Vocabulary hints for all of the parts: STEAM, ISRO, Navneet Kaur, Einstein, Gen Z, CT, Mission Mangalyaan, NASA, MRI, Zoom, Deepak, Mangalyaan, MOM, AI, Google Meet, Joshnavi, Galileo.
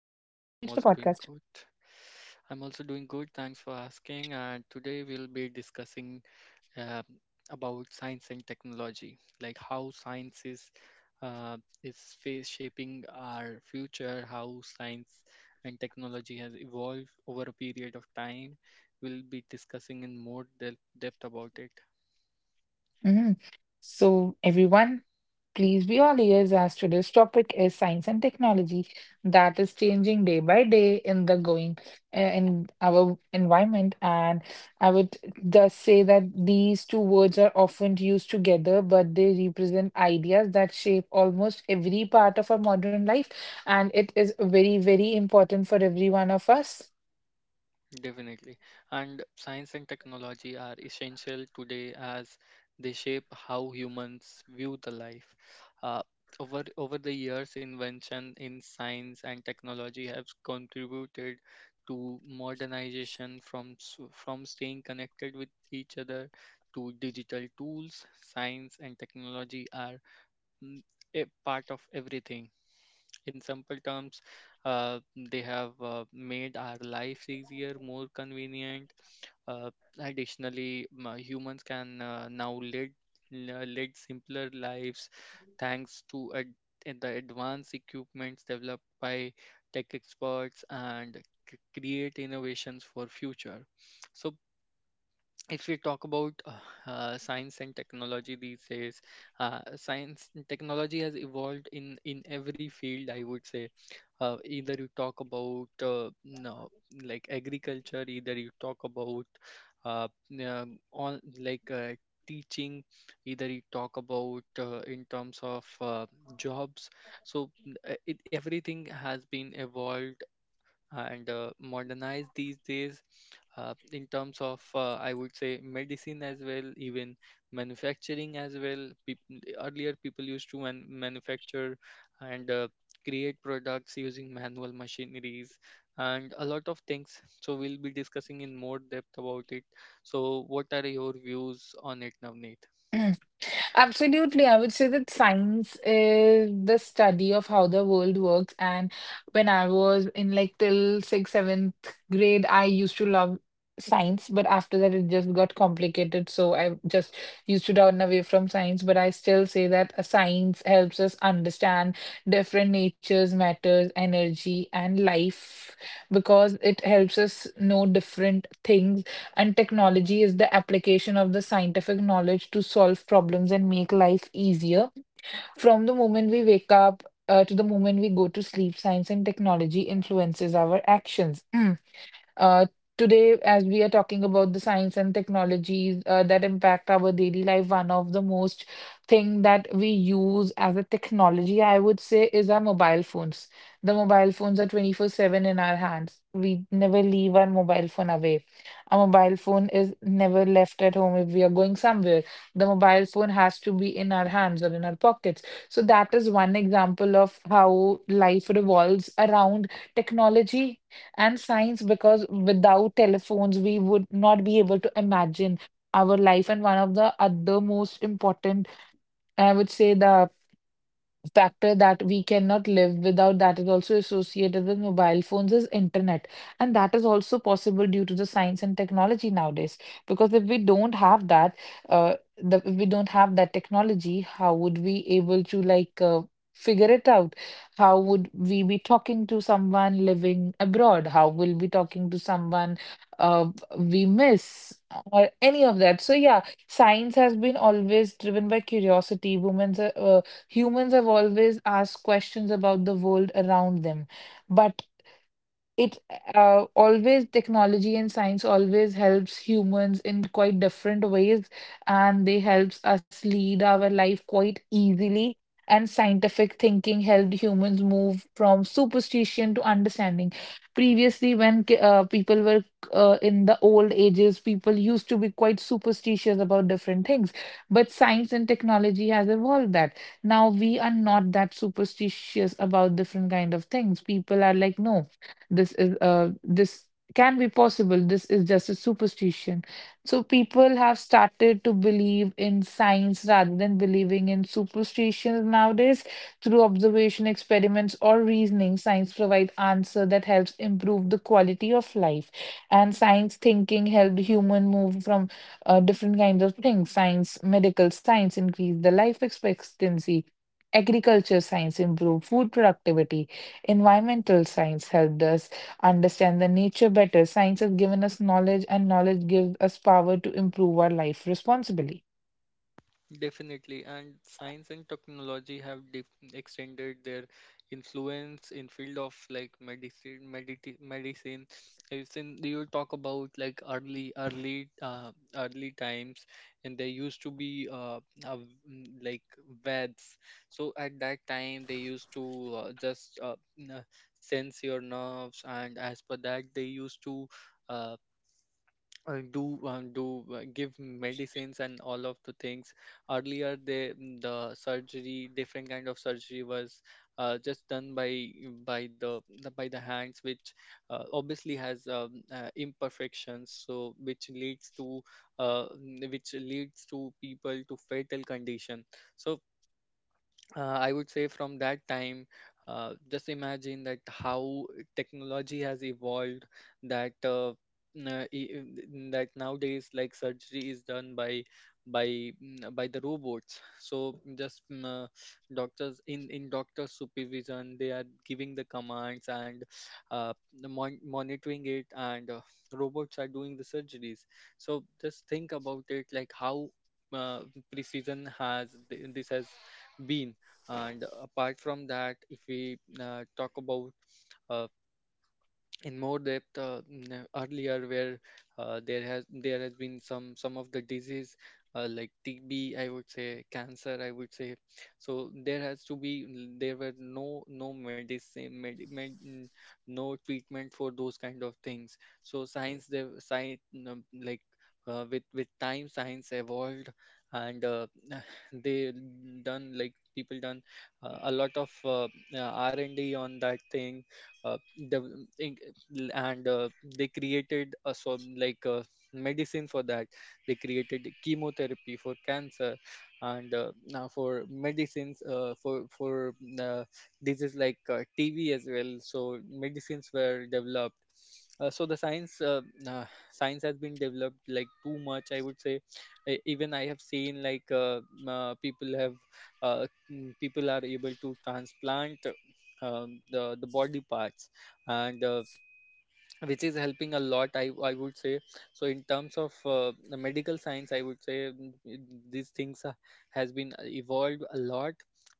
doing good. I'm also doing good. Thanks for asking. And today we'll be discussing um, about science and technology, like how science uh, is fa- shaping our future, how science and technology has evolved over a period of time. We'll be discussing in depth about it. Mhm. So, everyone, please be all ears as today's topic is science and technology that is changing day by day in the going in our environment. And I would just say that these two words are often used together, but they represent ideas that shape almost every part of our modern life, and it is very, very important for every one of us. Definitely. And science and technology are essential today as they shape how humans view the life. Uh, over the years, invention in science and technology have contributed to modernization, from staying connected with each other to digital tools. Science and technology are mm, a part of everything. In simple terms, they have made our lives easier, more convenient. Uh, additionally m- uh, humans can now lead simpler lives thanks to the advanced equipments developed by tech experts, and create innovations for future. So if we talk about science and technology these days, science and technology has evolved in every field, I would say. Either you talk about no like agriculture, either you talk about uh, uh, on like teaching, either you talk about in terms of jobs. So everything has been evolved and modernized these days, in terms of, I would say, medicine as well, even manufacturing as well. Earlier people used to manufacture and create products using manual machineries and a lot of things. So we'll be discussing in more depth about it. So what are your views on it, Navneet? Absolutely. I would say that science is the study of how the world works. And when I was in like till sixth, seventh grade, I used to love science, but after that, it just got complicated. So I just used to turn away from science. But I still say that a science helps us understand different natures, matters, energy, and life, because it helps us know different things. And technology is the application of the scientific knowledge to solve problems and make life easier. From the moment we wake up to the moment we go to sleep, science and technology influences our actions. Uh, Today, as we are talking about the science and technologies that impact our daily life, one of the most thing that we use as a technology, I would say, is our mobile phones. The mobile phones are 24/7 in our hands. We never leave our mobile phone away. Our mobile phone is never left at home if we are going somewhere. The mobile phone has to be in our hands or in our pockets. So that is one example of how life revolves around technology and science, because without telephones we would not be able to imagine our life. And one of the other most important, I would say, the factor that we cannot live without, that is also associated with mobile phones, is internet. And that is also possible due to the science and technology nowadays, because uh if we don't have that technology, how would we able to, like, figure it out? How would we be talking to someone living abroad? How will we talking to someone uh, we miss, or any of that? So yeah, science has been always driven by curiosity. Women's Humans have always asked questions about the world around them. But it Always technology and science always helps humans in quite different ways, and they helps us lead our life quite easily. And scientific thinking helped humans move from superstition to understanding. Previously, when ki- people were in the old ages people used to be quite superstitious about different things. But science and technology has evolved that now we are not that superstitious about different kind of things. People are like, no, this can be possible, this is just a superstition. So people have started to believe in science rather than believing in superstitions nowadays. Through observation, experiments, or reasoning, science provides answer that helps improve the quality of life. And science thinking helped human move from different kinds of things. Science medical science increased the life expectancy. Agriculture science improved food productivity. Environmental science helped us understand the nature better. Science has given us knowledge, and knowledge gives us power to improve our life responsibly. Definitely, and science and technology have extended their influence in field of like medicine. I've seen you talk about like early times, and there used to be like vets. So at that time, they used to sense your nerves, and as per that, they used to uh, do do give medicines and all of the things. Earlier the surgery, different kind of surgery was just done by the by the hands, which obviously has imperfections, so which leads to which leads to people to fatal condition. So I would say from that time, just imagine that how technology has evolved. That na- e- e- n- that nowadays, like surgery is done by by the robots. So doctors in doctor supervision, they are giving the commands and monitoring it, and robots are doing the surgeries. So just think about it, like how uh, precision this has been. And apart from that, if we talk about uh, in more depth, earlier where there has been some of the disease like TB, I would say, cancer, I would say, so there has to be n- there were no medicine med, med, n- no treatment for those kind of things. So science the science, like, with time science evolved, and they done like people done a lot of R&D on that thing. Uh, the in- and They created a so like a medicine for that. They created chemotherapy for cancer, and now for uh, diseases like TV as well, so medicines were developed. So the science uh, Science has been developed, like, too much, I would say. Even I have seen, like, people have uh, people are able to transplant the body parts, and which is helping a lot, I would say. So in terms of the medical science, I would say these things has been evolved a lot.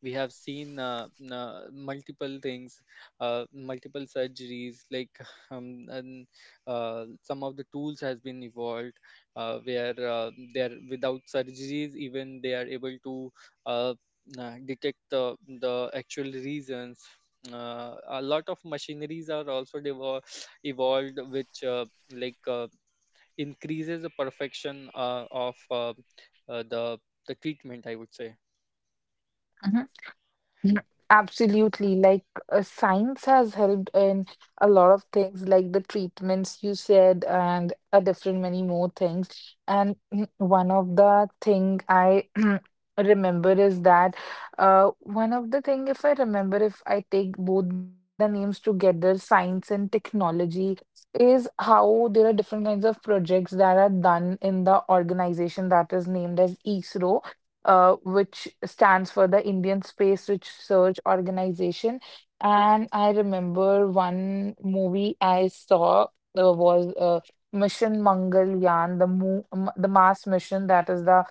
We have seen multiple things, multiple surgeries, like um, and, some of the tools has been evolved where they are, without surgeries even, they are able to uh, detect the actual reasons. A lot of machineries are also developed, evolved, which like uh, increases the perfection of uh, the the treatment, I would say. Mm, absolutely. Like science has helped in a lot of things, like the treatments you said, and a different many more things. And one of the thing I remember is that one of the thing, if I remember, if I take both the names together, science and technology, is how there are different kinds of projects that are done in the organization that is named as ISRO, which stands for the Indian Space Research Organization. And I remember one movie I saw was Mission Mangalyaan, the Mars mission. That is the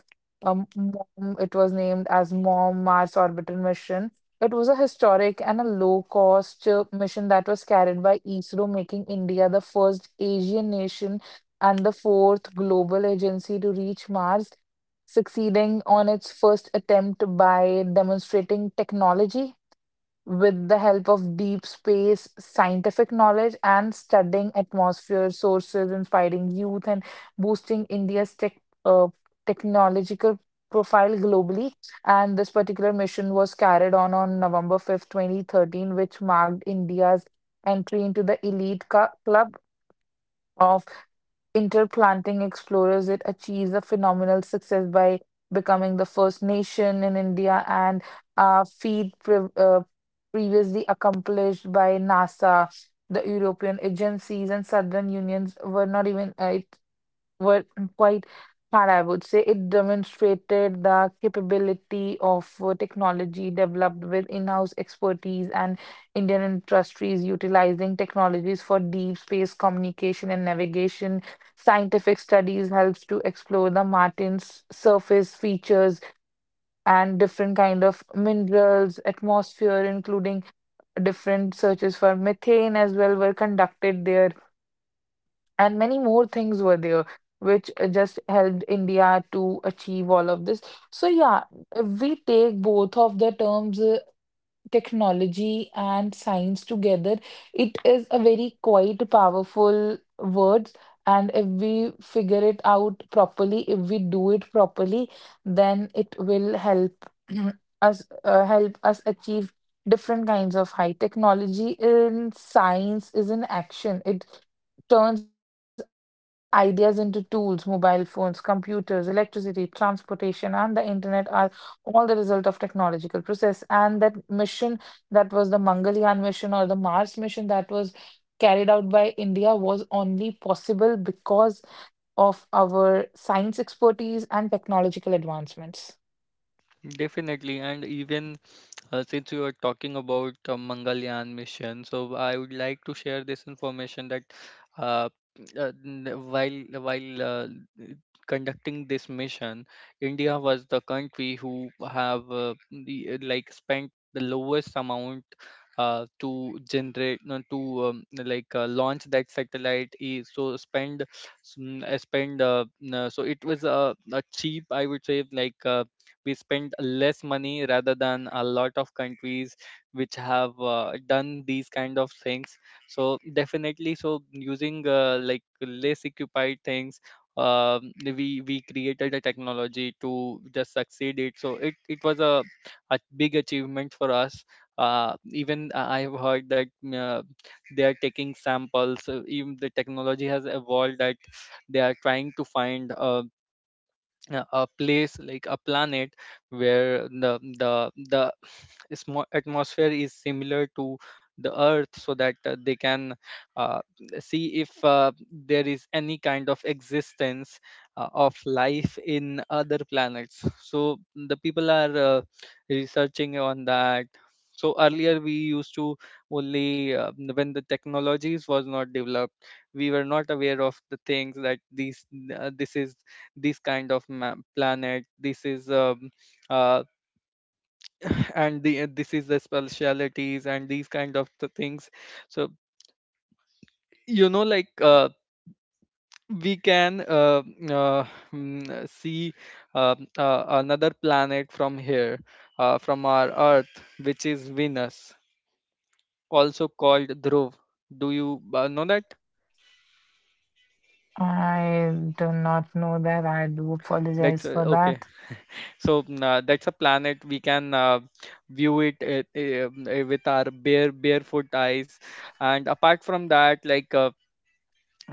MOM. It was named as MOM Mars Orbital Mission. It was a historic and a low-cost mission that was carried by ISRO, making India the first Asian nation and the fourth global agency to reach Mars, succeeding on its first attempt by demonstrating technology with the help of deep space scientific knowledge and studying atmosphere sources, inspiring youth and boosting India's uh, technological profile globally. And this particular mission was carried on November 5th, 2013, which marked India's entry into the elite club of interplanting explorers. It achieves a phenomenal success by becoming the first nation in India, and a feat previously accomplished by NASA, the European agencies, and Southern Unions were not even. It were quite hard, I would say. It demonstrated the capability of technology developed with in-house expertise, and Indian industries utilizing technologies for deep space communication and navigation. Scientific studies helps to explore the Martin's surface features and different kind of minerals, atmosphere, including different searches for methane as well were conducted there, and many more things were there which just helped India to achieve all of this. So yeah, if we take both of the terms technology and science together, it is a very quite powerful words. And if we figure it out properly, if we do it properly, then it will help us achieve different kinds of high technology in science is in action. It turns ideas into tools. Mobile phones, computers, electricity, transportation, and the internet are all the result of technological process. And that mission that was the Mangalyaan mission or the Mars mission that was carried out by India was only possible because of our science expertise and technological advancements. Definitely, and even, since you are talking about Mangalyaan mission, so I would like to share this information that uh, n- while conducting this mission, India was the country who have like spent the lowest amount to generate no, to like launch that satellite. I- So spend s- mm, spend n- So it was a cheap, I would say, like. We spend less money rather than a lot of countries which have done these kind of things. So definitely, so using like less occupied things, we created a technology to just succeed it. So it was a big achievement for us. Even I have heard that uh, they are taking samples. Even the technology has evolved that they are trying to find a place, like a planet, where the atmosphere is similar to the earth, so that they can uh, see if there is any kind of existence of life in other planets. So the people are researching on that. So earlier we used to only, when the technologies was not developed, we were not aware of the things that these uh, this is this kind of planet, this is uh, and the, this is the specialities and these kind of the things. So you know, like, we can uh, see another planet from here, from our earth, which is Venus, also called Dhruv. Do you know that? I do not know that. I do That's apologize for okay. that. So that's a planet we can view it with our barefoot eyes. And apart from that, like, uh,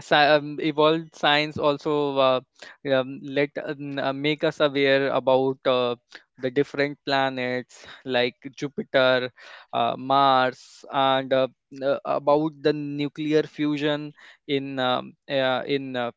sci- um, evolved science also let make us aware about the different planets like Jupiter, Mars, and about the nuclear fusion in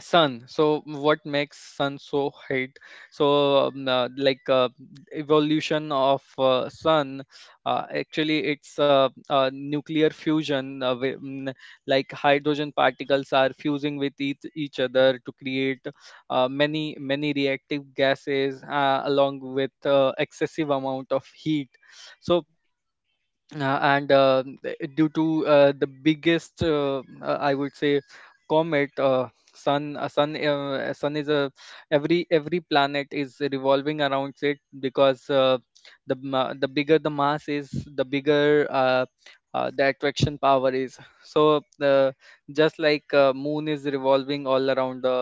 sun. So what makes sun so hot? So evolution of sun, actually it's nuclear fusion, like hydrogen particles are fusing with each other to create many many reactive gases, along with excessive amount of heat. So and due to the biggest I would say comet, sun is a, every planet is revolving around it, because the bigger the mass is, the bigger the attraction power is. So the, just like moon is revolving all around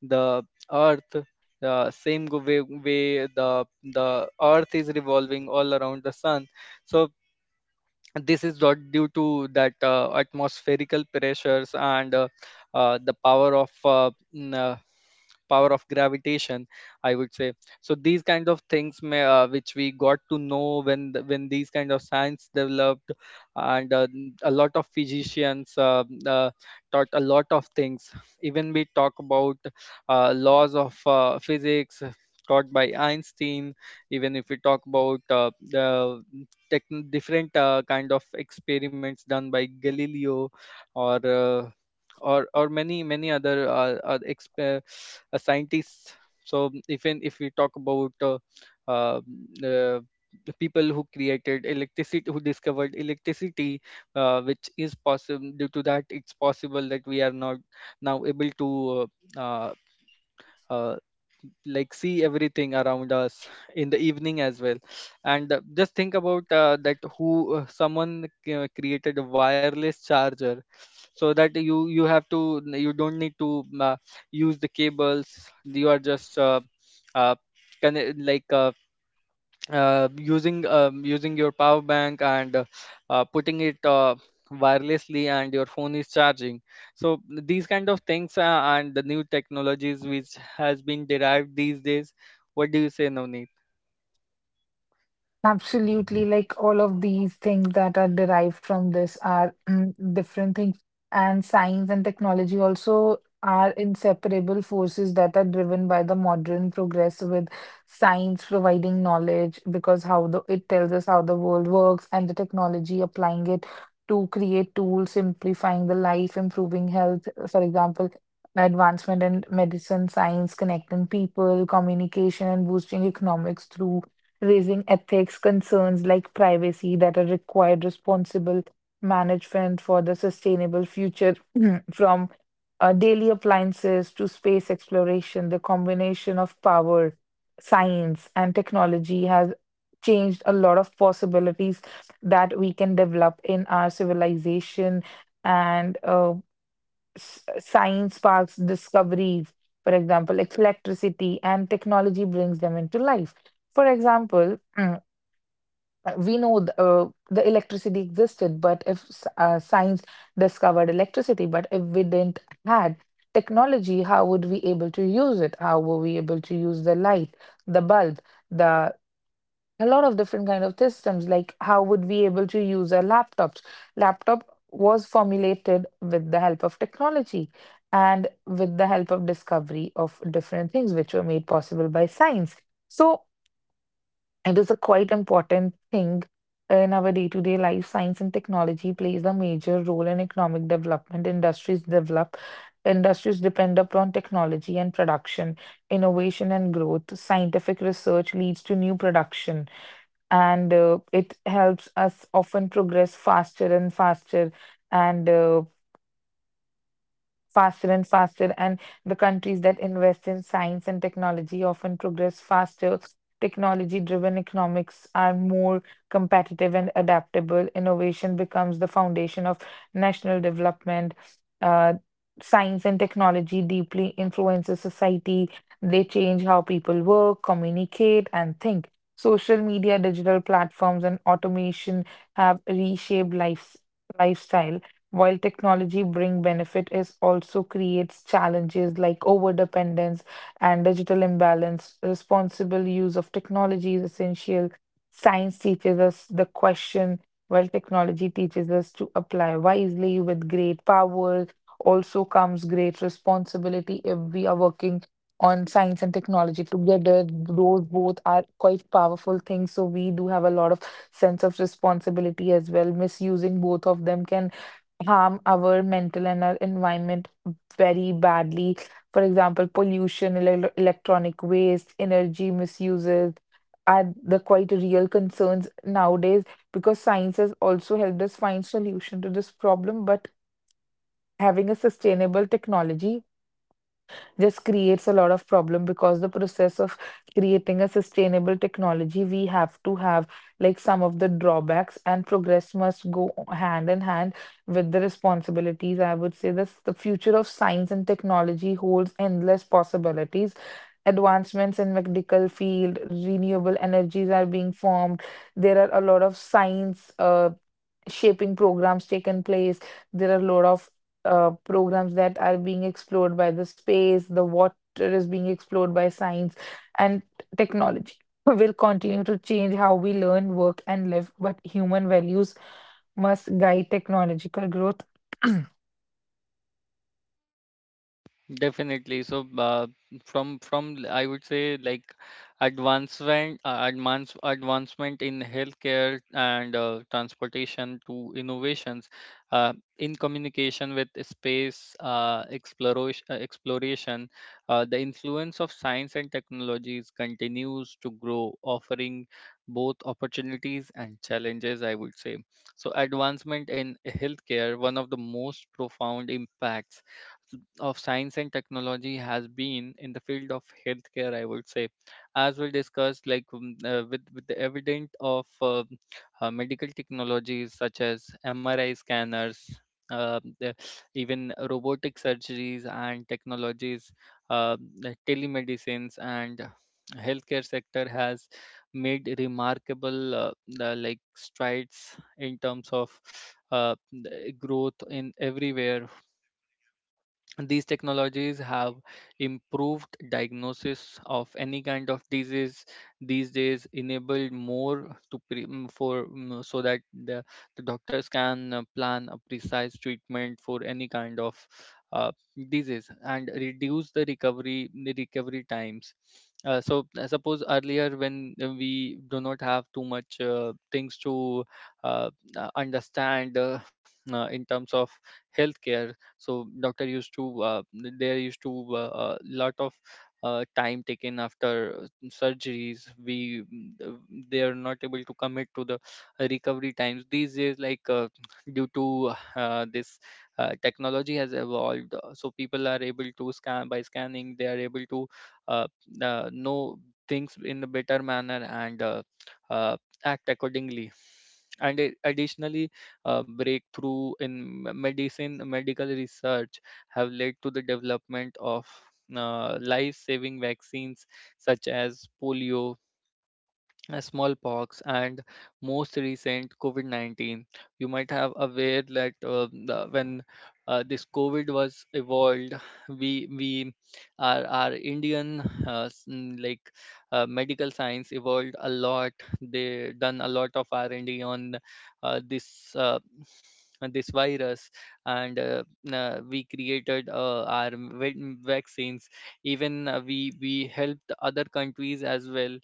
the earth, same way the earth is revolving all around the sun. So this is not due to that atmospherical pressures and the power of n- power of gravitation, I would say. So these kind of things which we got to know when the, when these kind of science developed, and a lot of physicians taught a lot of things. Even we talk about laws of physics taught by Einstein. Even if we talk about the techn different kind of experiments done by Galileo, or uh, or many many other scientists. So if we talk about uh, the the people who created electricity, who discovered electricity, which is possible due to that. It's possible that we are not now able to uh, uh, uh, see everything around us in the evening as well. And just think about that who, someone created a wireless charger, so that you have to, you don't need to use the cables. You are just uh, conne- like uh, using your power bank and putting it wirelessly, and your phone is charging. So these kind of things, and the new technologies which has been derived these days. What do you say, Navneet? Absolutely, like all of these things that are derived from this are different things. And science and technology also are inseparable forces that are driven by the modern progress, with science providing knowledge, because how the it tells us how the world works, and the technology applying it to create tools, simplifying the life, improving health, for example, advancement in medicine, science, connecting people, communication, and boosting economics through raising ethics concerns like privacy that are required responsible management for the sustainable future. From daily appliances to space exploration, the combination of power, science, and technology has changed a lot of possibilities that we can develop in our civilization. And science sparks discoveries, for example, like electricity, and technology brings them into life. For example, we know the electricity existed. But if science discovered electricity, but if we didn't had technology, how would we able to use it? How were we able to use the light, the bulb, the a lot of different kind of systems, like how would we able to use our laptop? Was formulated with the help of technology, and with the help of discovery of different things which were made possible by science. So it is a quite important thing. In our day-to-day life, science and technology plays a major role in economic development. Industries depend upon technology and production, innovation and growth. Scientific research leads to new production, and it helps us often progress faster and faster, and faster and faster, and the countries that invest in science and technology often progress faster. Technology driven economics are more competitive and adaptable. Innovation becomes the foundation of national development. Uh, Science and technology deeply influences society. They change how people work, communicate, and think. Social media, digital platforms, and automation have reshaped lifestyle, while technology bring benefit, it also creates challenges like overdependence and digital imbalance. Responsible use of technology is essential. Science teaches us the question, while technology teaches us to apply wisely. With great power also comes great responsibility. If we are working on science and technology together, those both are quite powerful things, so we do have a lot of sense of responsibility as well. Misusing both of them can harm our mental and our environment very badly. For example, pollution, electronic waste, energy misuses are the quite real concerns nowadays, because science has also helped us find solution to this problem. But having a sustainable technology just creates a lot of problem, because the process of creating a sustainable technology we have to have like some of the drawbacks, and progress must go hand in hand with the responsibilities, I would say. This the future of science and technology holds endless possibilities. Advancements in medical field, renewable energies are being formed. There are a lot of science shaping programs taken place. There are a lot of programs that are being explored by the space, the water is being explored by science, and technology will continue to change how we learn, work, and live, but human values must guide technological growth. Definitely. So, from I would say, like, advancement in healthcare and transportation to innovations in communication with exploration. The influence of science and technologies continues to grow, offering both opportunities and challenges, I would say so. Advancement in healthcare, one of the most profound impacts of science and technology has been in the field of healthcare, I would say. As we discussed, with the evident of medical technologies such as MRI scanners, uh, the, even robotic surgeries and technologies, the telemedicines, and healthcare sector has made remarkable the, like strides in terms of the growth in everywhere. These technologies have improved diagnosis of any kind of disease these days, enabled more to so that the doctors can plan a precise treatment for any kind of uh, disease and reduce the recovery times. So I suppose earlier when we do not have too much things to uh, understand in terms of healthcare, so doctor used to there used to lot of time taken after surgeries. They are not able to commit to the recovery times these days. Due to this technology has evolved, so people are able to scan. By scanning, they are able to uh, know things in a better manner and uh, act accordingly. Additionally, breakthrough in me- medicine medical research have led to the development of life saving vaccines such as polio, smallpox, and most recent covid-19. You might have aware that when this covid was evolved, we our indian uh, s- mm, like medical science evolved a lot. They done a lot of r&d on this uh, on this virus. And we created our vaccines. Even we helped other countries as well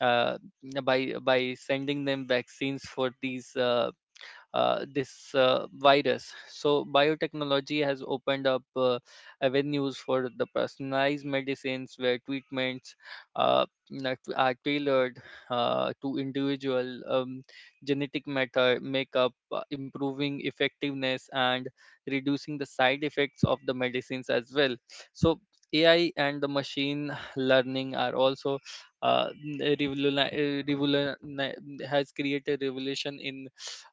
uh, by sending them vaccines for these this virus. So biotechnology has opened up avenues for the personalized medicines where treatments uh, that are tailored to individual genetic matter makeup, improving effectiveness and reducing the side effects of the medicines as well. So AI and the machine learning are also uh, has created revolution in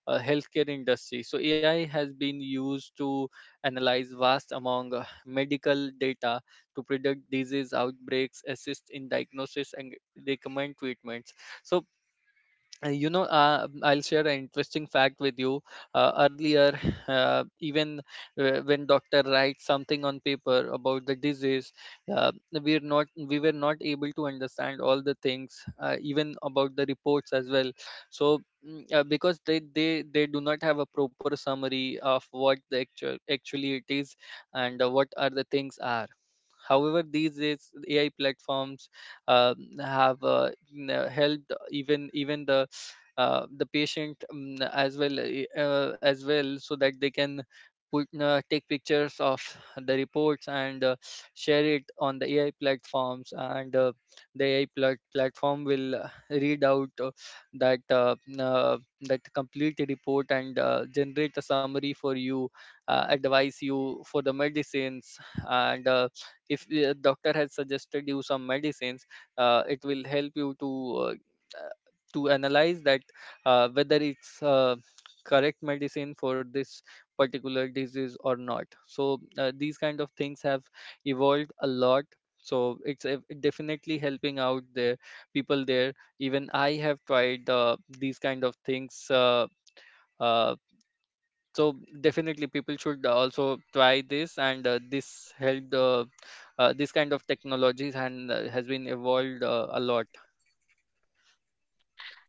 healthcare industry. So AI has been used to analyze vast among medical data to predict disease outbreaks, assist in diagnosis, and recommend treatments. So I'll share an interesting fact with you. Earlier even when doctor writes something on paper about the disease, uh, we were not able to understand all the things, even about the reports as well. So because they do not have a proper summary of what the actually it is and what are the things are. However, these days AI platforms have helped even the patient as well as well, so that they can put take pictures of the reports and share it on the AI platforms, and uh, the AI platform will read out that uh, n- uh, that complete report and generate a summary for you, advise you for the medicines. And if doctor has suggested you some medicines, it will help you uh, uh, to analyze that whether it's correct medicine for this particular disease or not. So these kind of things have evolved a lot. So it's definitely helping out the people there. Even I have tried these kind of things, uh, so definitely people should also try this, and this helped this kind of technologies and has been evolved a lot.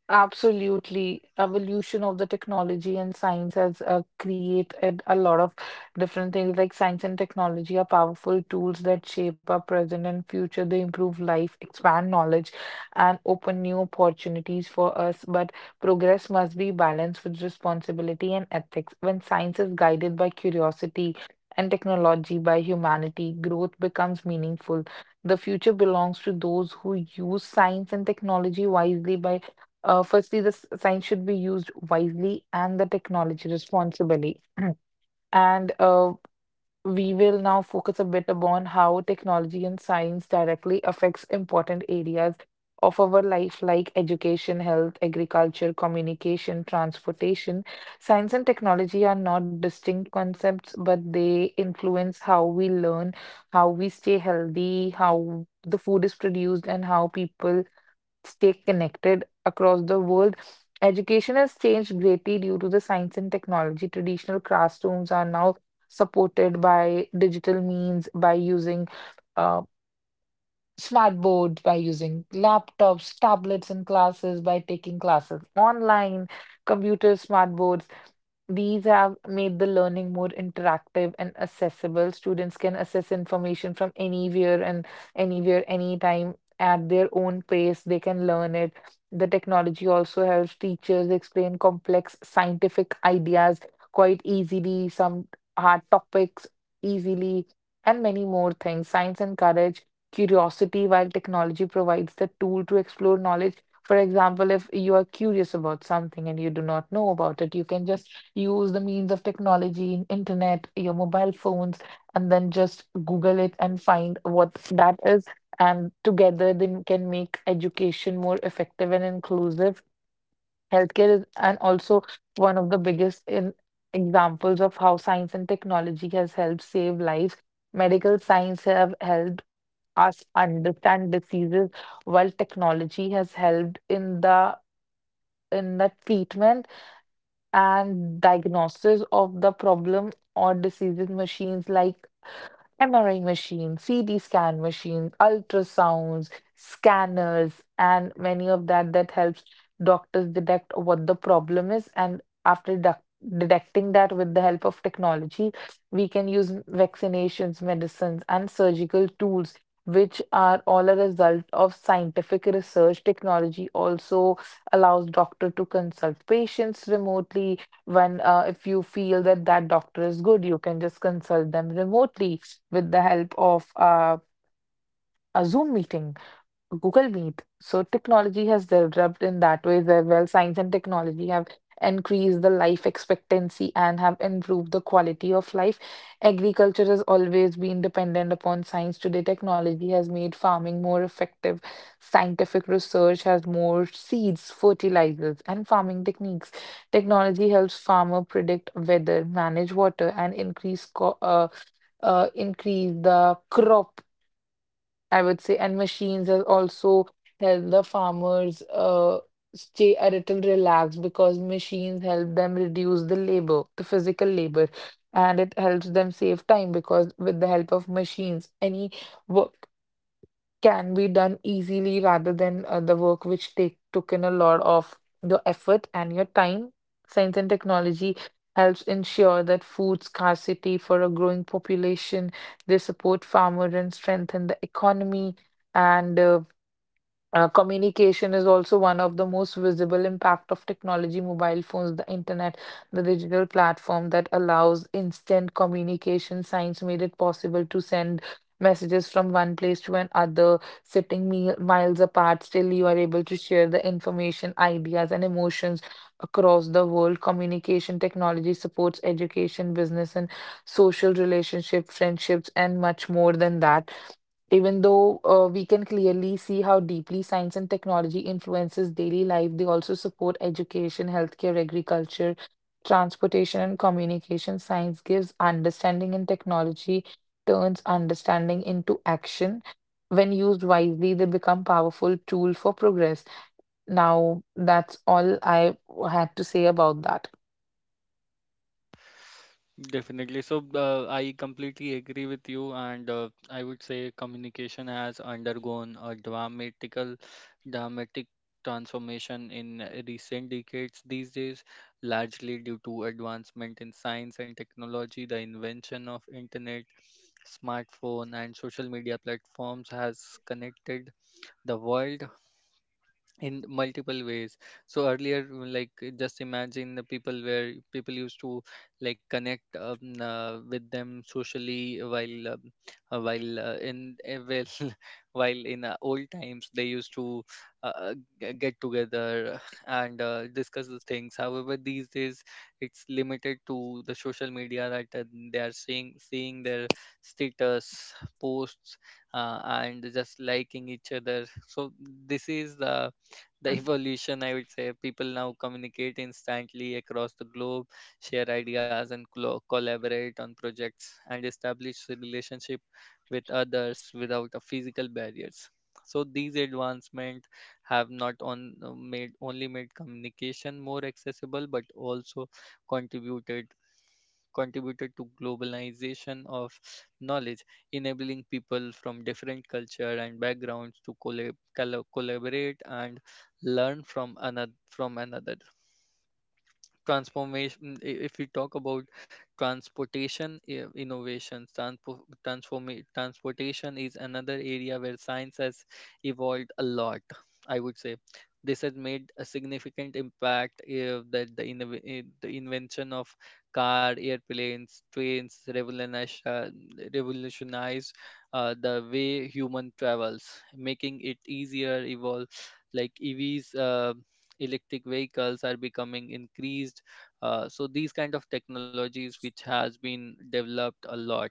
Absolutely. Evolution of the technology and science has created a lot of different things. Like science and technology are powerful tools that shape our present and future. They improve life, expand knowledge, and open new opportunities for us. But progress must be balanced with responsibility and ethics. When science is guided by curiosity and technology by humanity, growth becomes meaningful. The future belongs to those who use science and technology wisely by firstly, science should be used wisely and the technology responsibly. And We will now focus a bit upon how technology and science directly affects important areas of our life like education, health, agriculture, communication, transportation. Science and technology are not distinct concepts, but they influence how we learn, how we stay healthy, how the food is produced, and how people stay connected across the world. Education has changed greatly due to the science and technology. Traditional classrooms are now supported by digital means by using uh, smart board, by using laptops, tablets in classes, by taking classes online, computers, smart boards. These have made the learning more interactive and accessible. Students can access information from anywhere, anytime at their own pace. They can learn it. The technology also helps teachers explain complex scientific ideas quite easily, some hard topics easily, and many more things. Science encourages curiosity while technology provides the tool to explore knowledge. For example, if you are curious about something and you do not know about it, you can just use the means of technology, internet, your mobile phones, and then just Google it and find what that is. And together, then can make education more effective and inclusive. Healthcare is and also one of the biggest in examples of how science and technology has helped save lives. Medical science have helped us understand diseases, while technology has helped in the treatment and diagnosis of the problem or diseases. Machines like MRI machines, CT scan machines, ultrasounds, scanners, and many of that that helps doctors detect what the problem is. And detecting that with the help of technology, we can use vaccinations, medicines, and surgical tools, which are all a result of scientific research. Technology also allows doctor to consult patients remotely when, if you feel that that doctor is good, you can just consult them remotely with the help of a Zoom meeting, Google Meet. So technology has developed in that way as well, science and technology have increased the life expectancy and have improved the quality of life. Agriculture has always been dependent upon science. Today, technology has made farming more effective. Scientific research has more seeds, fertilizers, and farming techniques. Technology helps farmer predict weather, manage water, and increase the crop, I would say, and machines have also help the farmers stay a little relaxed, because machines help them reduce the labor, the physical labor, and it helps them save time, because with the help of machines, any work can be done easily rather than the work which take took in a lot of your effort and your time. Science and technology helps ensure that food scarcity for a growing population. They support farmer and strengthen the economy, and communication is also one of the most visible impact of technology, mobile phones, the internet, the digital platform that allows instant communication. Science made it possible to send messages from one place to another, sitting miles apart. Still, you are able to share the information, ideas, and emotions across the world. Communication technology supports education, business, and social relationship, friendships, and much more than that. Even though, we can clearly see how deeply science and technology influences daily life. They also support education, healthcare, agriculture, transportation, and communication. Science gives understanding, and technology turns understanding into action. When used wisely, they become powerful tool for progress. Now, that's all I had to say about that. Definitely. So I completely agree with you, and I would say communication has undergone a dramatic transformation in recent decades these days, largely due to advancement in science and technology. The invention of internet, smartphone, and social media platforms has connected the world in multiple ways. So earlier, just imagine the people where people used to like connect with them socially, uh, while uh, in uh, well, while in old times they used to uh, uh, get together and discuss the things. However, these days it's limited to the social media, that they are seeing their status, posts, and just liking each other. So this is the the evolution, I would say. People now communicate instantly across the globe, share ideas and collaborate on projects and establish a relationship with others without a physical barriers. So these advancements have not on, made only made communication more accessible but also contributed contributed to globalization of knowledge, enabling people from different culture and backgrounds to collaborate and learn from another transformation. If we talk about transportation, innovations, transportation is another area where science has evolved a lot, I would say. This has made a significant impact, that the, innov- eh, the invention of car, airplanes, trains revolutionized the way human travels, making it easier. Evolve like evs, electric vehicles are becoming increased. So these kind of technologies which has been developed a lot.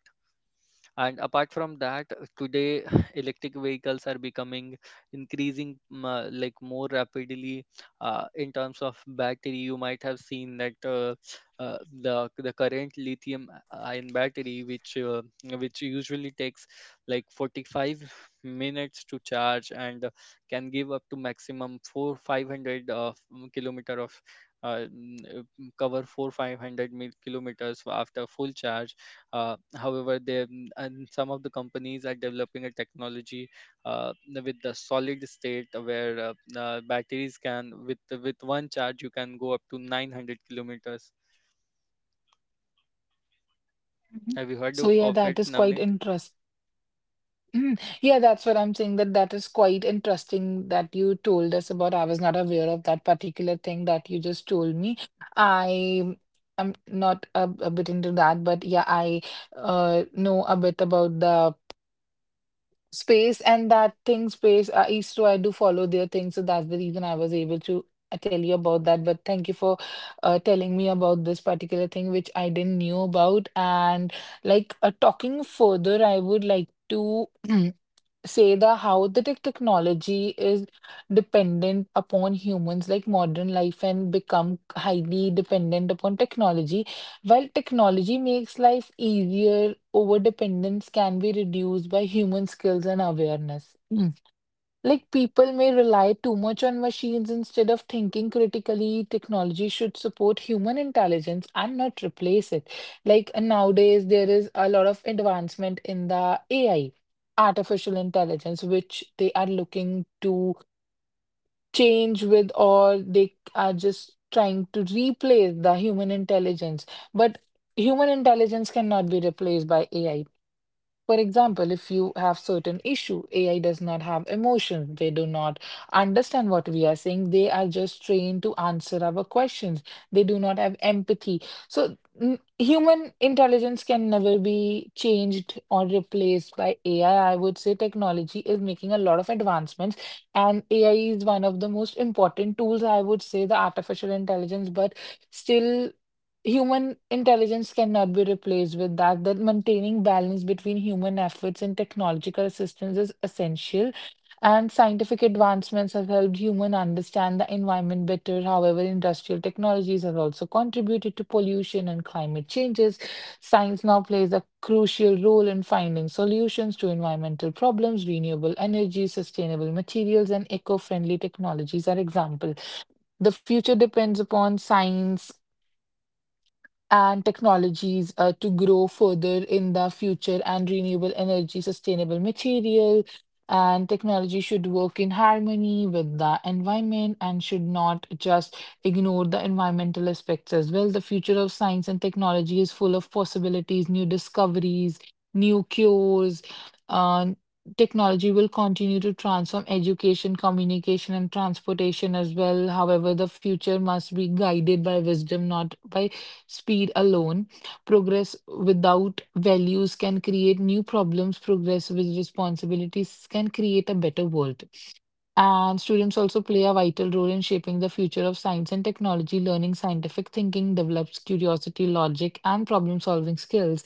And apart from that, today electric vehicles are becoming increasing more rapidly. In terms of battery, you might have seen that the current lithium ion battery, which usually takes like 45 minutes to charge and can give up to maximum 4 500 kilometer of cover 4 500 mil kilometers after full charge. Uh, and some of the companies are developing a technology uh, with the solid state, where batteries can, with one charge you can go up to 900 kilometers. Have Mhm. you heard So of yeah, it, that is quite Navneet? interesting. Mm. Yeah, that's what I'm saying, that that is quite interesting that you told us about. I was not aware of that particular thing that you just told me. I am not a bit into that, but yeah, I know a bit about the space and that thing, space. Istro, I do follow their thing, so that's the reason I was able to tell you about that. But thank you for telling me about this particular thing, which I didn't knew about. And like Talking further, I would like to. Say the how the technology is dependent upon humans. Like modern life and become highly dependent upon technology, while technology makes life easier, over dependence can be reduced by human skills and awareness. Hmm. Like people may rely too much on machines instead of thinking critically. Technology should support human intelligence and not replace it. Like, nowadays, there is a lot of advancement in the AI, artificial intelligence, which they are looking to change with, or they are just trying to replace the human intelligence. But human intelligence cannot be replaced by AI. For example, if you have certain issue, AI does not have emotions. They do not understand what we are saying. They are just trained to answer our questions. They do not have empathy. So human intelligence can never be changed or replaced by AI. I would say technology is making a lot of advancements, and AI is one of the most important tools, I would say, the artificial intelligence, but still human intelligence cannot be replaced with that. That maintaining balance between human efforts and technological assistance is essential, and scientific advancements have helped human understand the environment better. However, industrial technologies have also contributed to pollution and climate changes. Science now plays a crucial role in finding solutions to environmental problems. Renewable energy, sustainable materials, and eco-friendly technologies are examples. The future depends upon science and technologies, to grow further in the future, and renewable energy, sustainable material, and technology should work in harmony with the environment and should not just ignore the environmental aspects as well. The future of science and technology is full of possibilities, new discoveries, new cures. Uh, Technology will continue to transform education, communication, and transportation as well. However, the future must be guided by wisdom, not by speed alone. Progress without values can create new problems. Progress with responsibilities can create a better world. And students also play a vital role in shaping the future of science and technology. Learning scientific thinking develops curiosity, logic, and problem solving skills.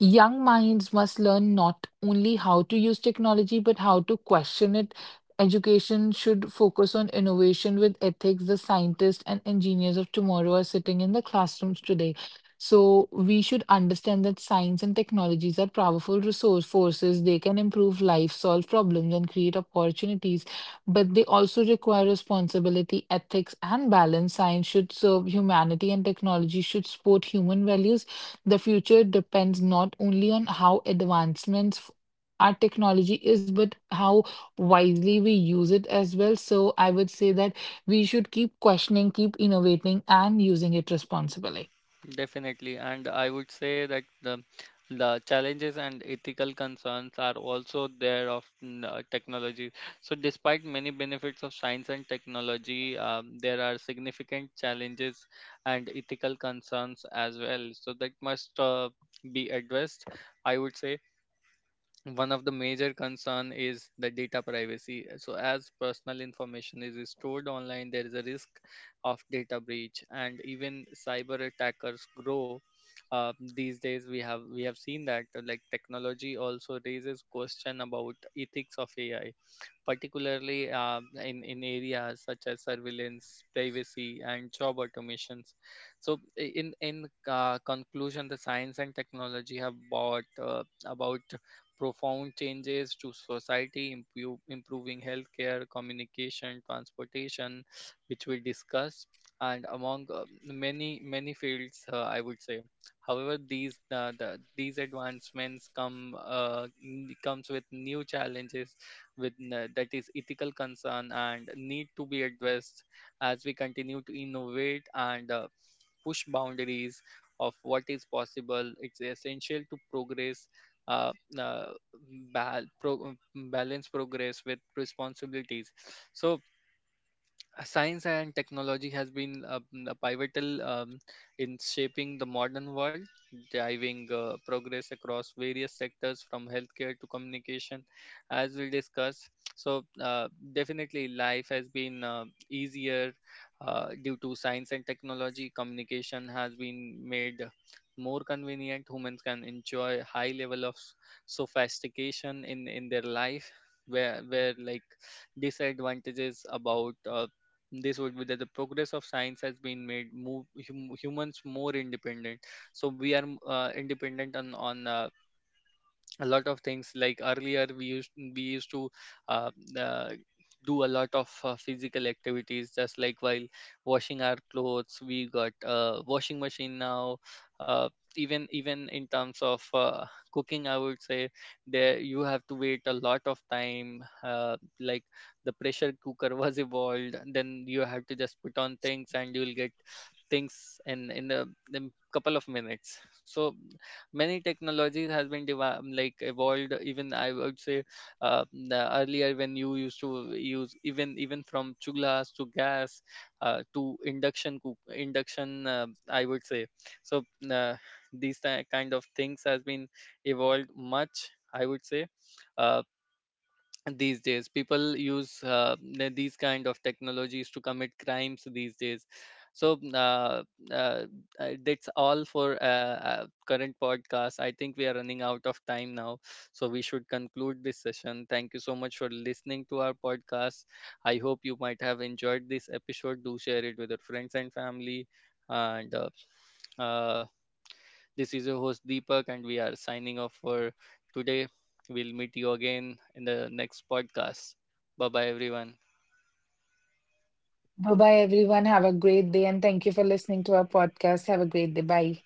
Young minds must learn not only how to use technology, but how to question it. Education should focus on innovation with ethics. The scientists and engineers of tomorrow are sitting in the classrooms today. So we should understand that science and technologies are powerful resource forces. They can improve life, solve problems, and create opportunities. But they also require responsibility, ethics, and balance. Science should serve humanity, and technology should support human values. The future depends not only on how our technology is, but how wisely we use it as well. So I would say that we should keep questioning, keep innovating, and using it responsibly. Definitely, and I would say that the challenges and ethical concerns are also there of technology. So, despite many benefits of science and technology, there are significant challenges and ethical concerns as well, so that must be addressed, I would say. One of the major concern is the data privacy. So as personal information is stored online, there is a risk of data breach and even cyber attackers grow. These days we have seen that like technology also raises question about ethics of ai, particularly in areas such as surveillance, privacy, and job automations. So, in conclusion, the science and technology have brought about profound changes to society, improving healthcare, communication, transportation, which we discussed, and among many fields, I would say. However, these advancements comes with new challenges with that is ethical concern and need to be addressed as we continue to innovate and push boundaries of what is possible. It's essential to progress, uh, uh, balance progress with responsibilities. So science and technology has been a pivotal in shaping the modern world, driving progress across various sectors from healthcare to communication, as we discussed. So, definitely, life has been easier due to science and technology. Communication has been made more convenient. Humans can enjoy high level of sophistication in their life. Where like disadvantages about this would be that the progress of science has been made move humans more independent. So we are independent on a lot of things. Like earlier we used to uh, uh, do a lot of physical activities. Just like while washing our clothes, we got washing machine now. uh, Even in terms of cooking, I would say there you have to wait a lot of time, like the pressure cooker was evolved. Then you have to just put on things and you'll get things in couple of minutes. So many technologies has been evolved, even I would say, the earlier when you used to use even from chullas to gas to induction, I would say. So these kind of things has been evolved much, I would say. Uh, these days people use these kind of technologies to commit crimes these days. So uh, that's all for current podcast. I think we are running out of time now, so we should conclude this session. Thank you so much for listening to our podcast. I hope you might have enjoyed this episode. Do share it with your friends and family. And uh, this is your host Deepak, and we are signing off for today. We'll meet you again in the next podcast. Bye bye, everyone. Bye bye, everyone. Have a great day, and thank you for listening to our podcast. Have a great day. Bye.